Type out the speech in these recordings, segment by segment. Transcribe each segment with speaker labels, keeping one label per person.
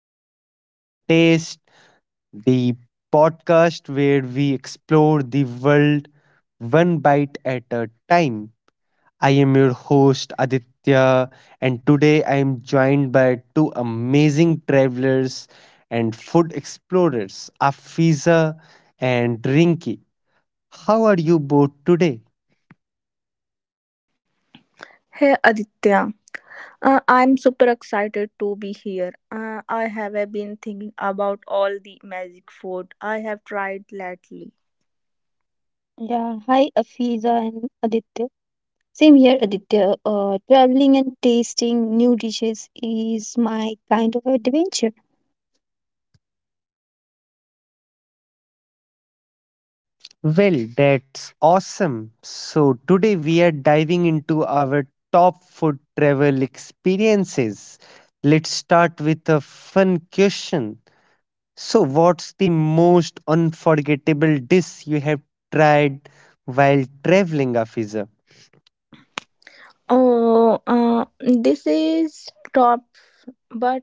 Speaker 1: Traveling for Taste, the podcast where we explore the world one bite at a time. I am your host, Aditya, and today I am joined by two amazing travelers and food explorers, Afiza and Rinki. How are you both today?
Speaker 2: Hey Aditya. I'm super excited to be here. I have been thinking about all the magic food I have tried lately.
Speaker 3: Yeah, hi Afiza and Aditya. Same here, Aditya. Traveling and tasting new dishes is my kind of adventure.
Speaker 1: Well, that's awesome. So, today we are diving into our top food travel experiences. Let's start with a fun question. So, what's the most unforgettable dish you have tried while traveling, Afiza?
Speaker 2: Oh, this is top, but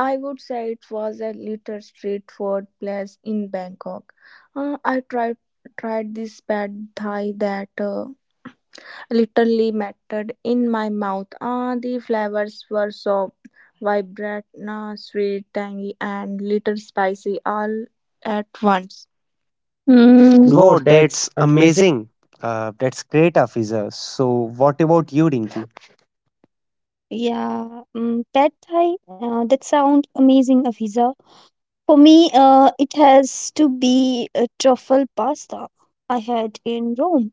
Speaker 2: I would say it was a little street food place in Bangkok. I tried this pad thai that literally melted in my mouth. The flavors were so vibrant, sweet, tangy, and little spicy all at once.
Speaker 3: Mm, wow,
Speaker 1: Wow,
Speaker 3: that's
Speaker 1: that's
Speaker 3: amazing.
Speaker 1: amazing. That's great, Afiza. So, what about you, Rinki?
Speaker 3: Yeah, mm, pad thai. That sounds amazing, Afiza. For me, it has to be a truffle pasta I had in Rome.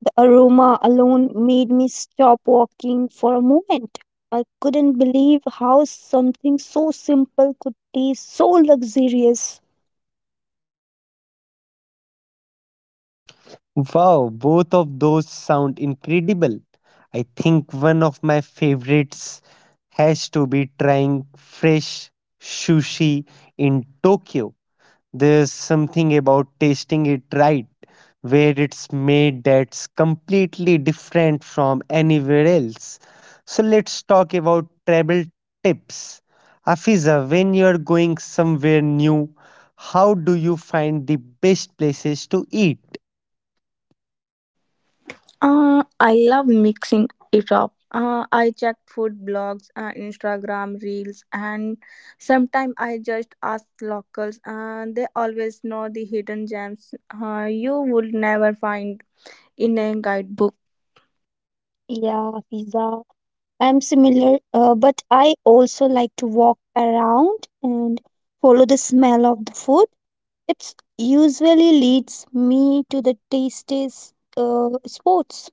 Speaker 3: The aroma alone made me stop walking for a moment. I couldn't believe how something so simple could taste so luxurious.
Speaker 1: Wow, both of those sound incredible. I think one of my favorites has to be trying fresh sushi in Tokyo. There's something about tasting it right where it's made that's completely different from anywhere else. So let's talk about travel tips. Afiza, when you're going somewhere new, how do you find the best places to eat?
Speaker 2: I love mixing it up. I checked food blogs, Instagram reels, and sometimes I just ask locals. They always know the hidden gems you would never find in a guidebook.
Speaker 3: Yeah, pizza. I'm similar, but I also like to walk around and follow the smell of the food. It usually leads me to the tastiest spots.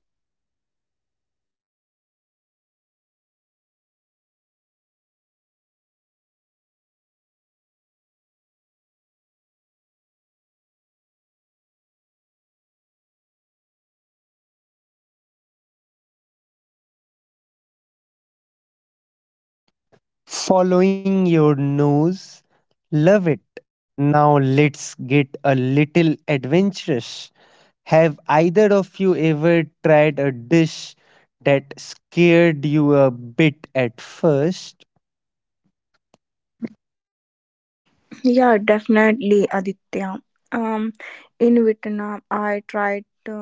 Speaker 1: Following your nose. Love it. Now let's get a little adventurous. Have either of you ever tried a dish that scared you a bit at first?
Speaker 2: Yeah, definitely, Aditya. Um, in Vietnam, I tried to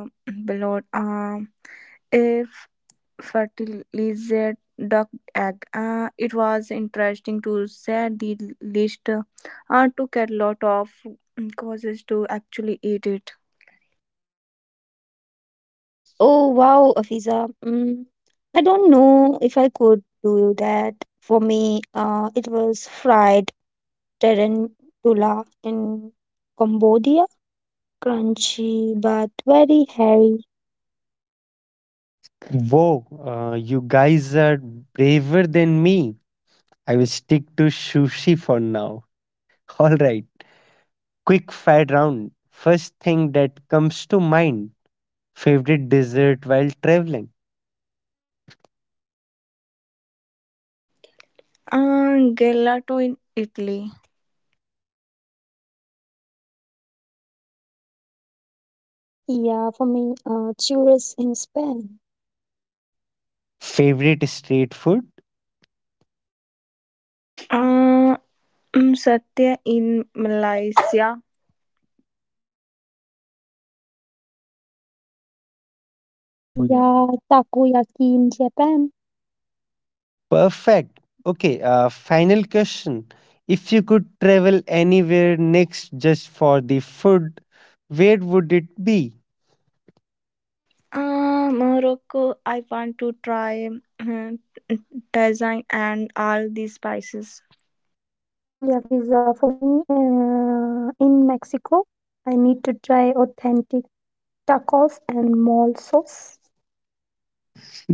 Speaker 2: below a fertilized duck egg. It was interesting to say the least. Took a lot of causes to actually eat it.
Speaker 3: Oh wow, Afiza. Mm, I don't know if I could do that. For me, it was fried tarantula in Cambodia, crunchy but very hairy.
Speaker 1: Whoa, you guys are braver than me. I will stick to sushi for now. All right, quick fire round. First thing that comes to mind, favorite dessert while traveling,
Speaker 2: Gelato in Italy.
Speaker 3: Yeah, for me, churros in Spain.
Speaker 1: favorite street food.
Speaker 2: Uh, Satya in Malaysia.
Speaker 3: Takoyaki. Yeah, takoyaki in Japan.
Speaker 1: Perfect. Okay, final question. If you could travel anywhere next just for the food, where would it be?
Speaker 2: Morocco. I want to try mm, design and all these spices.
Speaker 3: Yeah, Fiza, for me, in Mexico, I need to try authentic tacos and mole sauce.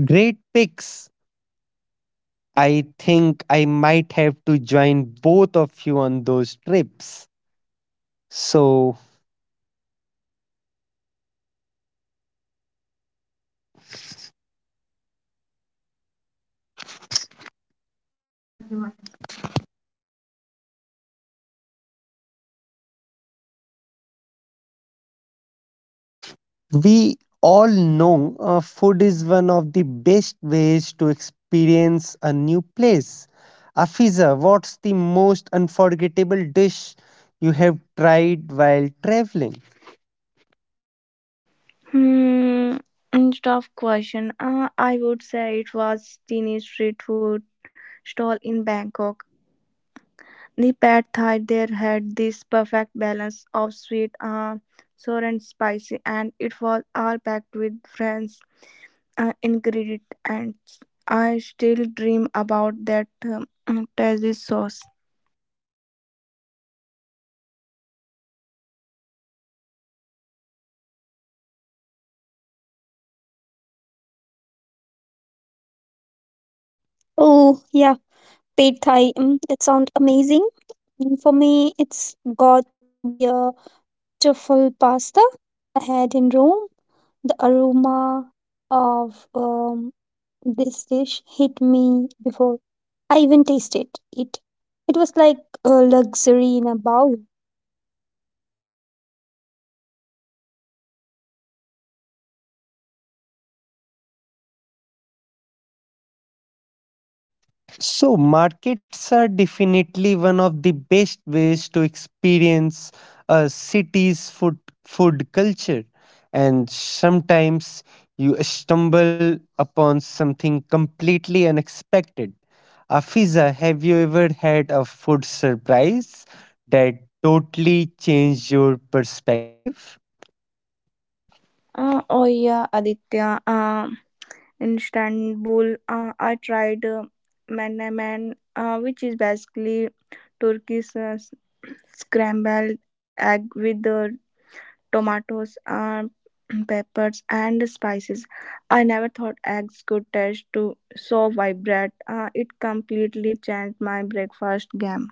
Speaker 1: Great picks. I think I might have to join both of you on those trips. So, we all know food is one of the best ways to experience a new place. Afiza, what's the most unforgettable dish you have tried while traveling?
Speaker 2: Hmm, and tough question, I would say it was teenage street food stall in Bangkok. The pad thai there had this perfect balance of sweet, sour and spicy, and it was all packed with friends, ingredients. I still dream about that tasty sauce.
Speaker 3: Oh, yeah. Pad Thai. Mm, that sounds amazing. Mm, for me, it's got to be a truffle pasta I had in Rome. The aroma of this dish hit me before I even tasted it. It was like a luxury in a bowl.
Speaker 1: So, markets are definitely one of the best ways to experience a city's food culture. And sometimes you stumble upon something completely unexpected. Afiza, have you ever had a food surprise that totally changed your perspective?
Speaker 2: Oh yeah, Aditya. In Istanbul, I tried menemen, which is basically Turkish scrambled egg with the tomatoes, peppers, and spices. I never thought eggs could taste to so vibrant. It completely changed my breakfast game.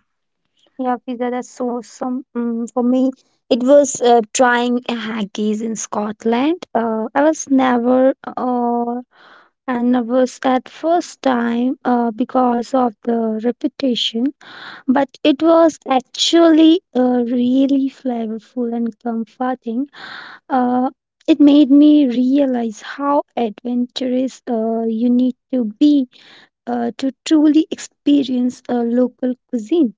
Speaker 3: Yeah, pizza, that's so awesome. Mm, for me, it was trying a haggis in Scotland. I was never and I was at first time because of the repetition, but it was actually really flavorful and comforting. Uh, it made me realize how adventurous you need to be to truly experience a local cuisine.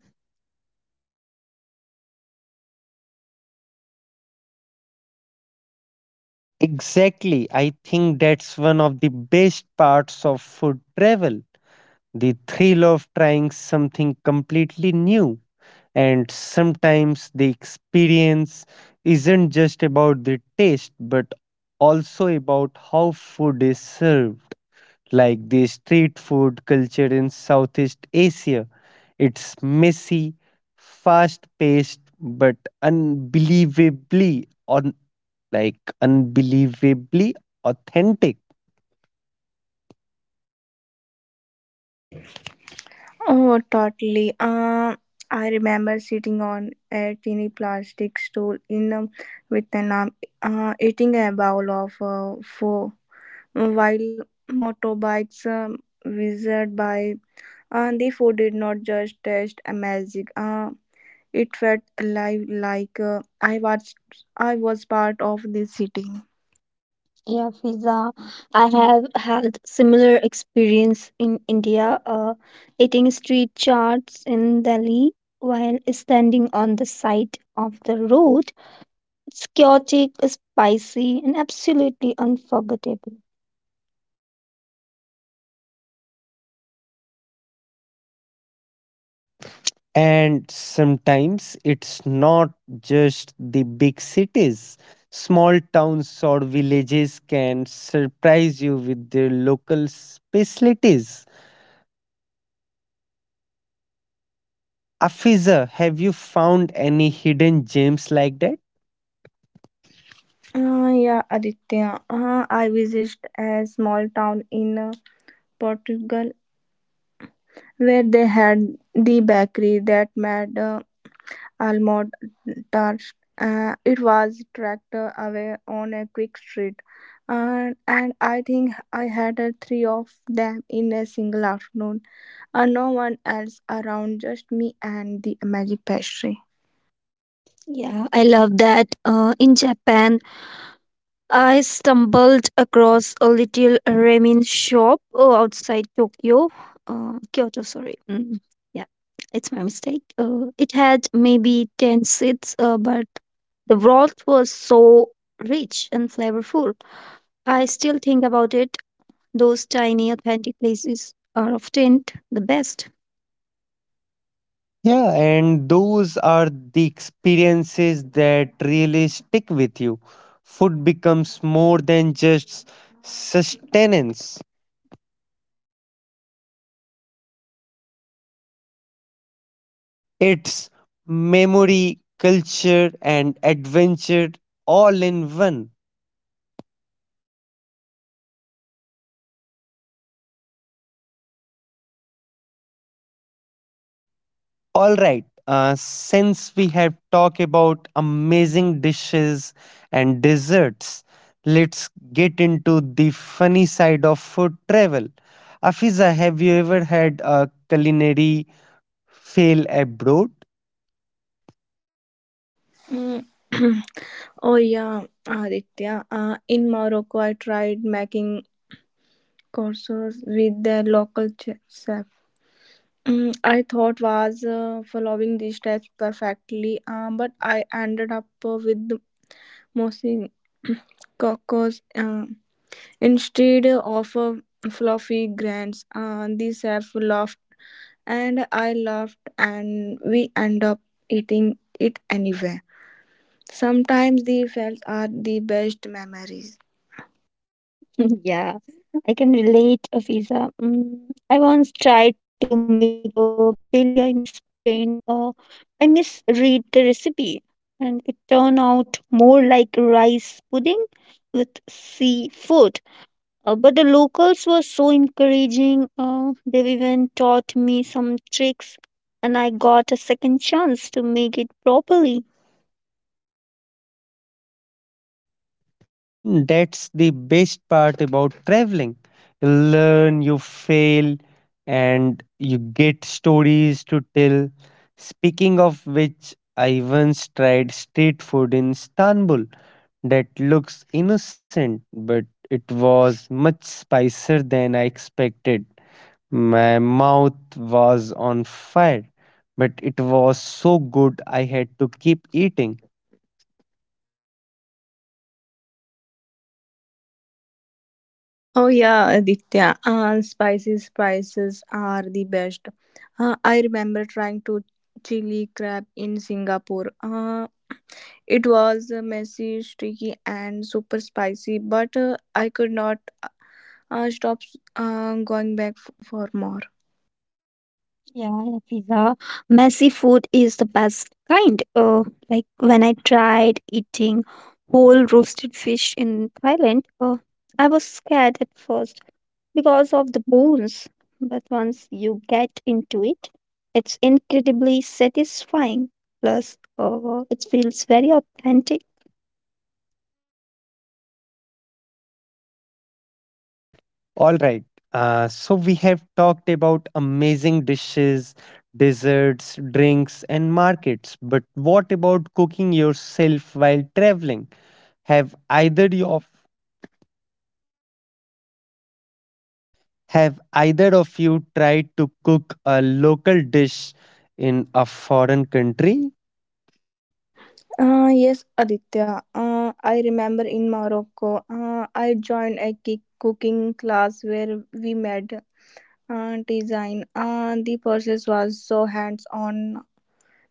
Speaker 1: Exactly. I think that's one of the best parts of food travel, the thrill of trying something completely new. And sometimes the experience isn't just about the taste, but also about how food is served. Like the street food culture in Southeast Asia, it's messy, fast paced, but unbelievably on like unbelievably authentic.
Speaker 2: Oh, totally. I remember sitting on a teeny plastic stool in Vietnam, eating a bowl of pho while motorbikes whizzed by. The food did not just taste amazing. It felt alive, like I was part of the city.
Speaker 3: Yeah, Fiza. I have had similar experience in India, eating street charts in Delhi while standing on the side of the road. It's chaotic, spicy, and absolutely unforgettable.
Speaker 1: And sometimes it's not just the big cities. Small towns or villages can surprise you with their local specialties. Afiza, have you found any hidden gems like that?
Speaker 2: Yeah, Aditya. I visited a small town in Portugal where they had the bakery that made almond touched. It was tractor away on a quick street, and I think I had three of them in a single afternoon, and no one else around, just me and the magic pastry.
Speaker 3: Yeah, I love that. In Japan, I stumbled across a little ramen shop outside Kyoto, sorry. Mm, yeah, it's my mistake. It had maybe 10 seats, but the broth was so rich and flavorful. I still think about it. Those tiny, authentic places are often the best.
Speaker 1: Yeah, and those are the experiences that really stick with you. Food becomes more than just sustenance. It's memory, culture, and adventure all in one. All right. Since we have talked about amazing dishes and desserts, let's get into the funny side of food travel. Afiza, have you ever had a culinary fail abroad?
Speaker 2: Mm. Oh yeah, Aditya. In Morocco, I tried making courses with the local chef. I thought was following these steps perfectly, but I ended up with mostly cocos instead of fluffy grains. These have laughed and I laughed, and we end up eating it anyway. Sometimes the fails are the best memories.
Speaker 3: Yeah, I can relate, Afiza. Mm, I once tried to make a biryani in Spain. I misread the recipe, and it turned out more like rice pudding with seafood. But the locals were so encouraging. They even taught me some tricks, and I got a second chance to make it properly.
Speaker 1: Mm, that's the best part about traveling. You learn, you fail, and you get stories to tell. Speaking of which, I once tried street food in Istanbul that looks innocent, but it was much spicier than I expected. My mouth was on fire, but it was so good I had to keep eating.
Speaker 2: Oh yeah, Aditya. Spicy spices are the best. I remember trying to chili crab in Singapore. It was messy, sticky, and super spicy, but I could not stops going back for more.
Speaker 3: Yeah, Hafiza, messy food is the best kind. Like when I tried eating whole roasted fish in Thailand, I was scared at first because of the bones. But once you get into it, it's incredibly satisfying. Plus, it feels very authentic.
Speaker 1: All right. So we have talked about amazing dishes, desserts, drinks, and markets. But what about cooking yourself while traveling? Have either you of have either of you tried to cook a local dish in a foreign country?
Speaker 2: Yes, Aditya. I remember in Morocco, I joined a kick cooking class where we made design. The process was so hands on.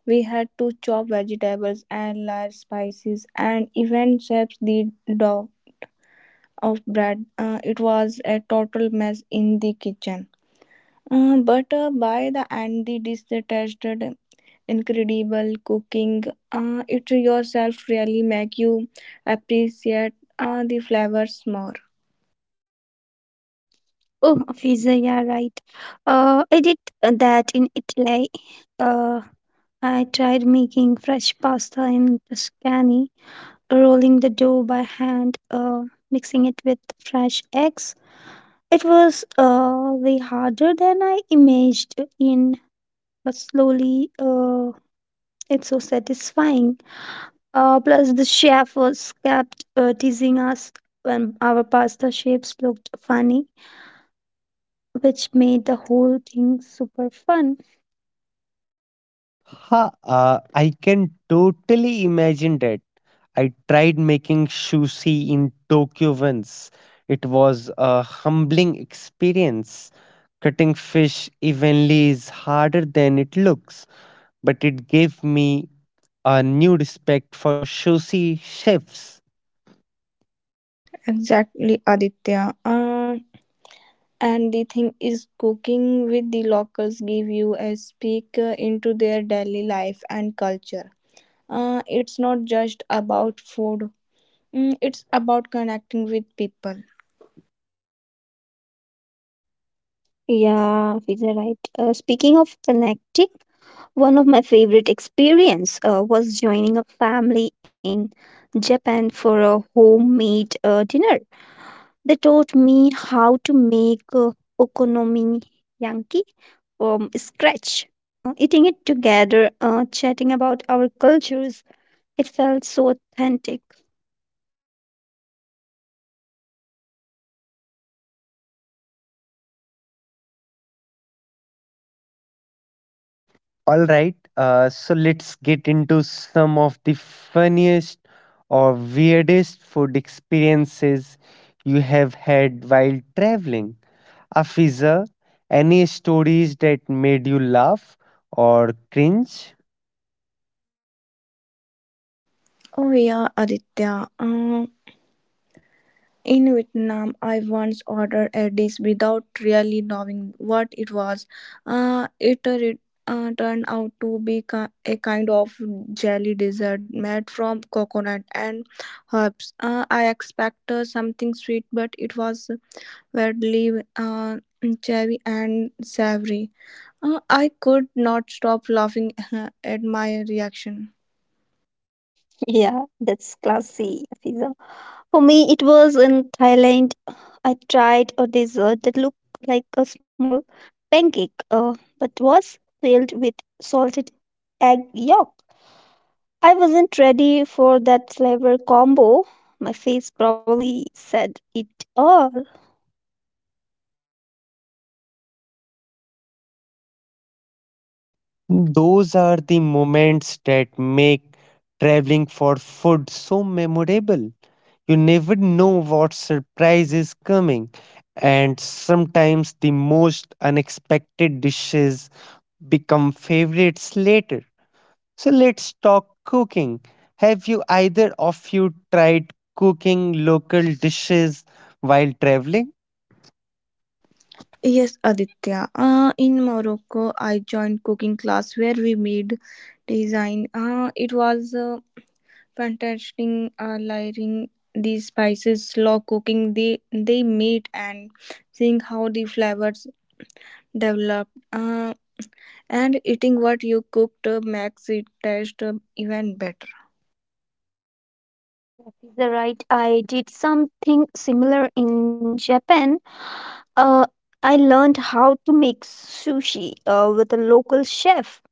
Speaker 2: We had to chop vegetables and layer spices and even shape the dough of bread. It was a total mess in the kitchen. But by the end, the dish tasted incredible. Cooking it yourself really make you appreciate the flavors more.
Speaker 3: Oh, Hafiza, yeah, right. I did that in Italy. Uh, I tried making fresh pasta in Tuscany, rolling the dough by hand, mixing it with fresh eggs. It was way harder than I but slowly it's so satisfying. Plus, the chef was kept teasing us when our pasta shapes looked funny, which made the whole thing super fun.
Speaker 1: Huh, I can totally imagine that. I tried making sushi in Tokyo once. It was a humbling experience. Cutting fish evenly is harder than it looks, but it gave me a new respect for sushi chefs.
Speaker 2: Exactly, Aditya. uh, and the thing is, cooking with the locals give you a peek into their daily life and culture. It's not just about food. Mm, it's about connecting with people.
Speaker 3: Yeah, Fiza, right. Speaking of connecting, one of my favorite experience was joining a family in Japan for a homemade dinner. They taught me how to make okonomiyaki from scratch. Eating it together, chatting about our cultures, it felt so authentic.
Speaker 1: All right, so let's get into some of the funniest or weirdest food experiences you have had while traveling. Afiza, any stories that made you laugh or cringe?
Speaker 2: Oh yeah, Aditya. In Vietnam, I once ordered a dish without really knowing what it was. It turned out to be a kind of jelly dessert made from coconut and herbs. I expected something sweet, but it was weirdly chewy and savory. I could not stop laughing at my reaction.
Speaker 3: Yeah, that's classy, Fiza. For me, it was in Thailand. I tried a dessert that looked like a small pancake, but was filled with salted egg yolk. I wasn't ready for that flavor combo. My face probably said it all.
Speaker 1: Those are the moments that make traveling for food so memorable. You never know what surprise is coming, and sometimes the most unexpected dishes become favorites later. So let's talk cooking. Have you either of you tried cooking local dishes while traveling?
Speaker 2: Yes, Aditya. In Morocco, I joined cooking class where we made design. It was fantastic learning these spices, slow cooking they made, and seeing how the flavors developed. And eating what you cooked makes it taste even better.
Speaker 3: You're right. I did something similar in Japan. Uh, I learned how to make sushi with a local chef.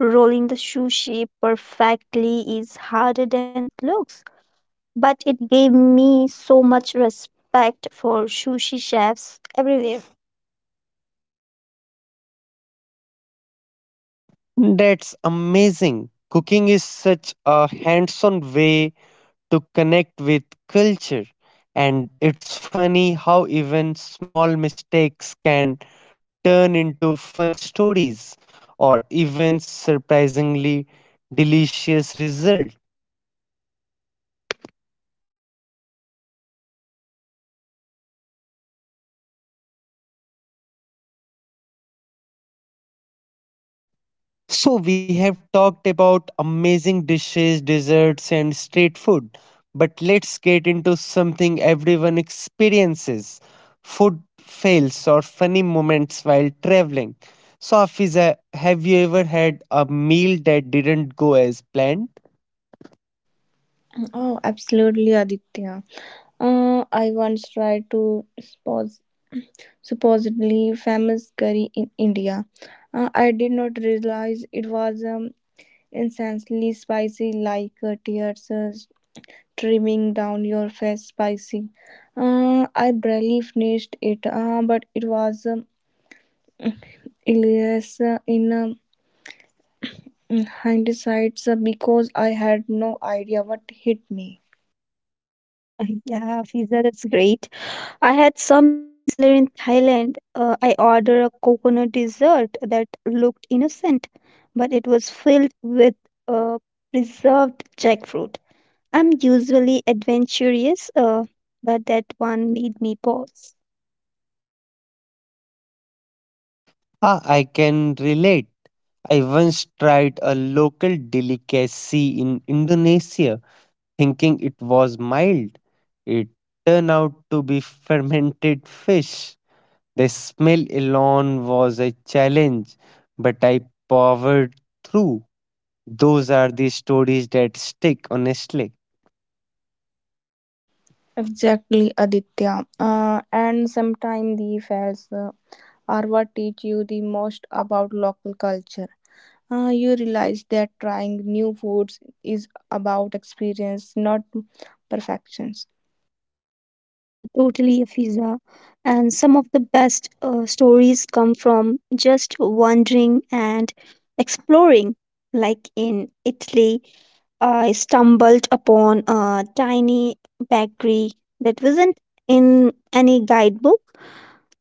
Speaker 3: Rolling the sushi perfectly is harder than it looks, but it gave me so much respect for sushi chefs everywhere.
Speaker 1: That's amazing. Cooking is such a hands on way to connect with culture. And it's funny how even small mistakes can turn into fun stories or even surprisingly delicious results. So, we have talked about amazing dishes, desserts, and street food, but let's get into something everyone experiences, food fails or funny moments while traveling. So, Afiza, have you ever had a meal that didn't go as planned?
Speaker 2: Oh, absolutely, Aditya. I once tried to supposedly famous curry in India. I did not realize it was insanely spicy, like tears streaming down your face. Spicy. I barely finished it, but it was hilarious in hindsight because I had no idea what hit me.
Speaker 3: Yeah, Fiza, that's great. I had something similar in Thailand. I ordered a coconut dessert that looked innocent, but it was filled with uh, preserved jackfruit. I'm usually adventurous, but that one made me pause.
Speaker 1: Ah, I can relate. I once tried a local delicacy in Indonesia, thinking it was mild. It turned out to be fermented fish. The smell alone was a challenge, but I powered through. Those are the stories that stick, honestly.
Speaker 2: Exactly, Aditya. And sometimes the fails are what teach you the most about local culture. You realize that trying new foods is about experience, not perfections.
Speaker 3: Yeah, totally, Fiza. And some of the best stories come from just wandering and exploring. Like in Italy, I stumbled upon a tiny bakery that wasn't in any guidebook.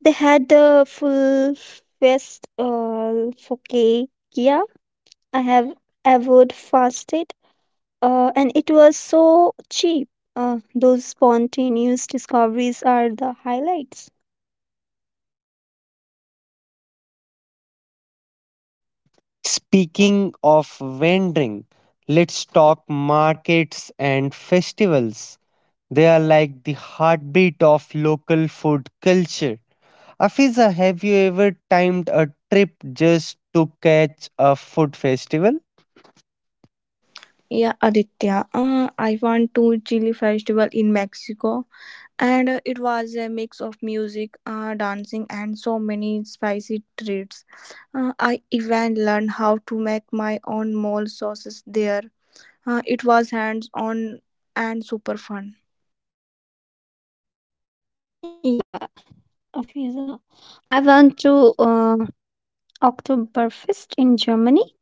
Speaker 3: They had the full fest focaccia I have ever fasted, and it was so cheap. Those spontaneous discoveries are the highlights.
Speaker 1: Speaking of vending, let's talk markets and festivals. They are like the heartbeat of local food culture. Afiza, have you ever timed a trip just to catch a food festival?
Speaker 2: Yeah, Aditya, I went to Chili Festival in Mexico, and it was a mix of music, dancing, and so many spicy treats. I even learned how to make my own mole sauces there. It was hands on and super fun.
Speaker 3: Yeah, Afiza. I went to Oktoberfest in Germany.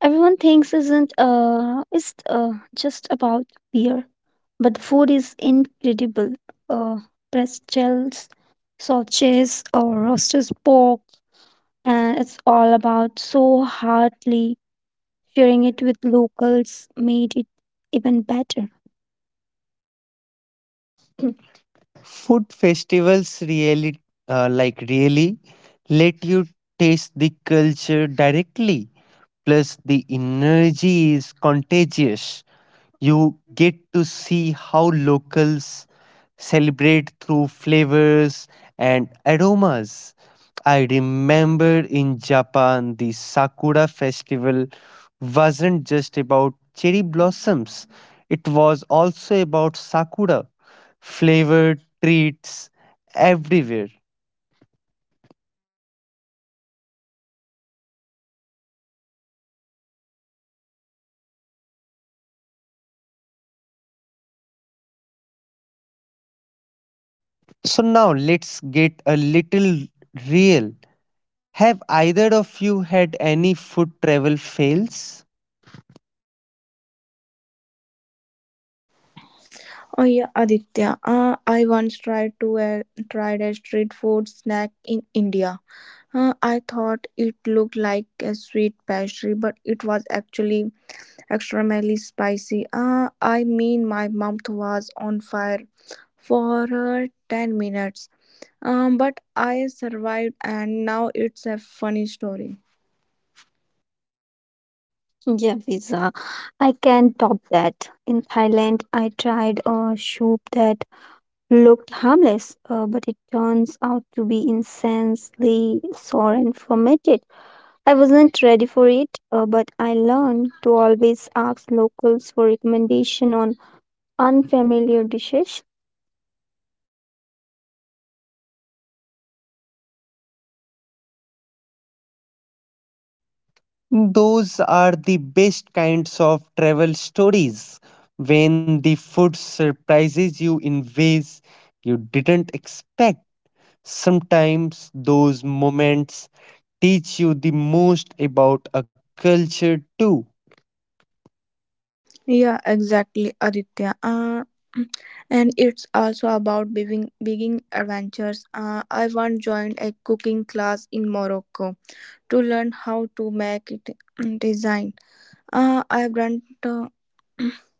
Speaker 3: Everyone thinks isn't it's just about beer, but the food is incredible. Uh, pretzels, sausages, or roasted pork, and it's all about so heartily sharing it with locals made it even better.
Speaker 1: Food festivals really, like really, let you taste the culture directly. Plus, the energy is contagious. You get to see how locals celebrate through flavors and aromas. I remember in Japan, the Sakura festival wasn't just about cherry blossoms, it was also about Sakura flavored treats everywhere. So, now let's get a little real. Have either of you had any food travel fails?
Speaker 2: Oh yeah, Aditya. I once tried a street food snack in India. I thought it looked like a sweet pastry, but it was actually extremely spicy. I mean, my mouth was on fire for 10 minutes. But I survived, and now it's a funny story.
Speaker 3: Yeah, visa. I can top that. In Thailand, I tried a soup that looked harmless, but it turns out to be insanely sore and fermented. I wasn't ready for it, but I learned to always ask locals for recommendation on unfamiliar dishes.
Speaker 1: Those are the best kinds of travel stories when the food surprises you in ways you didn't expect. Sometimes those moments teach you the most about a culture too.
Speaker 2: Yeah, exactly, Aditya. And it's also about being adventures. I once joined a cooking class in Morocco to learn how to make it design. I've done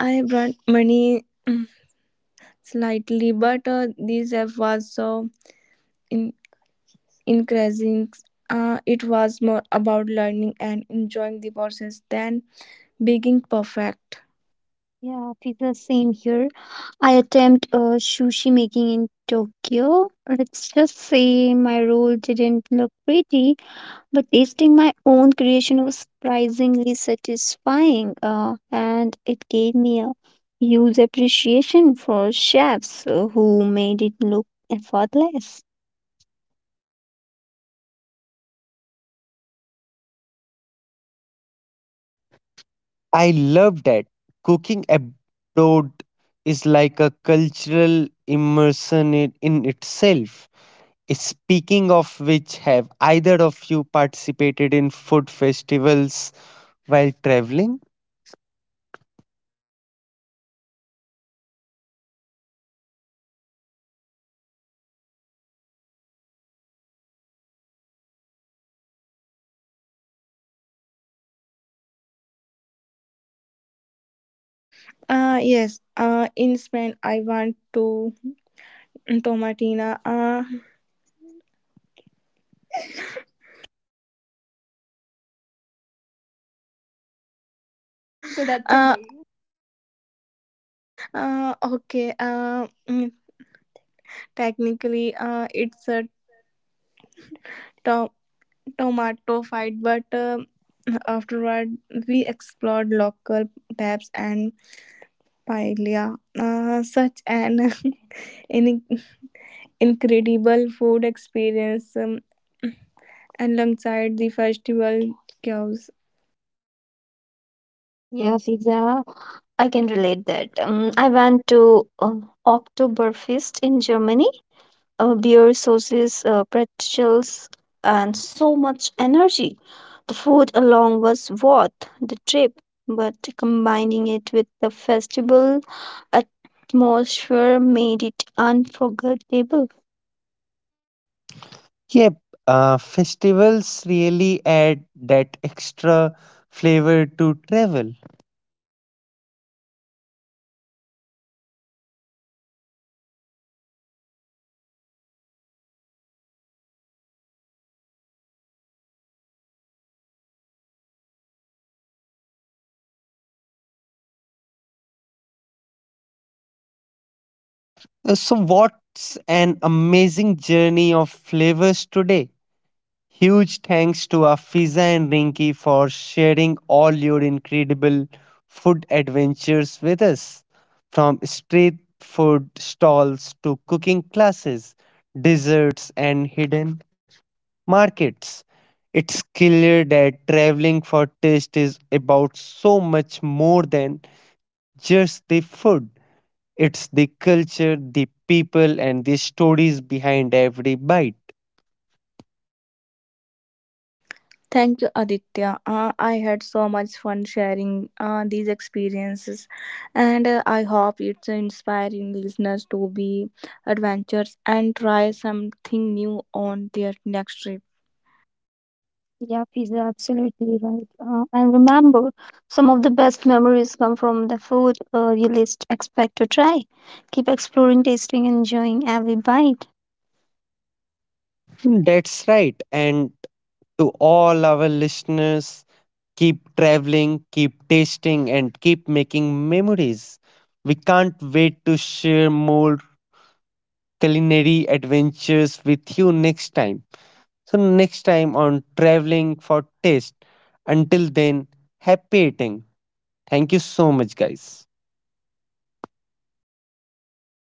Speaker 2: I've done many slightly, but this app was so in- increasing. It was more about learning and enjoying the process than being perfect.
Speaker 3: Yeah, I feel the same here. I attempt sushi making in Tokyo. Let's just say my roll didn't look pretty, but tasting my own creation was surprisingly satisfying, and it gave me a huge appreciation for chefs who made it look effortless.
Speaker 1: I love that. Cooking abroad is like a cultural immersion in itself. Speaking of which, have either of you participated in food festivals while traveling?
Speaker 2: Yes, in Spain, I want to Tomatina. That's amazing. Okay, technically, it's a to- tomato fight, but afterward, we explored local pubs and paella, such an in- incredible food experience alongside the festival chaos.
Speaker 3: Yeah, pizza. I can relate that. I went to Oktoberfest in Germany, beer sauces, pretzels, and so much energy. The food alone was worth the trip, but combining it with the festival atmosphere made it unforgettable.
Speaker 1: Yep, festivals really add that extra flavor to travel. So what's an amazing journey of flavors today? Huge thanks to Afiza and Rinki for sharing all your incredible food adventures with us. From street food stalls to cooking classes, desserts, and hidden markets. It's clear that traveling for taste is about so much more than just the food. It's the culture, the people, and the stories behind every bite.
Speaker 2: Thank you, Aditya. I had so much fun sharing these experiences, and I hope it's inspiring listeners to be adventurous and try something new on their next trip.
Speaker 3: Yeah, pizza, absolutely right. And remember, some of the best memories come from the food you least expect to try. Keep exploring, tasting, enjoying every bite.
Speaker 1: That's right. And to all our listeners, keep traveling, keep tasting, and keep making memories. We can't wait to share more culinary adventures with you next time. So, next time on Traveling for Taste. Until then, happy eating. Thank you so much, guys.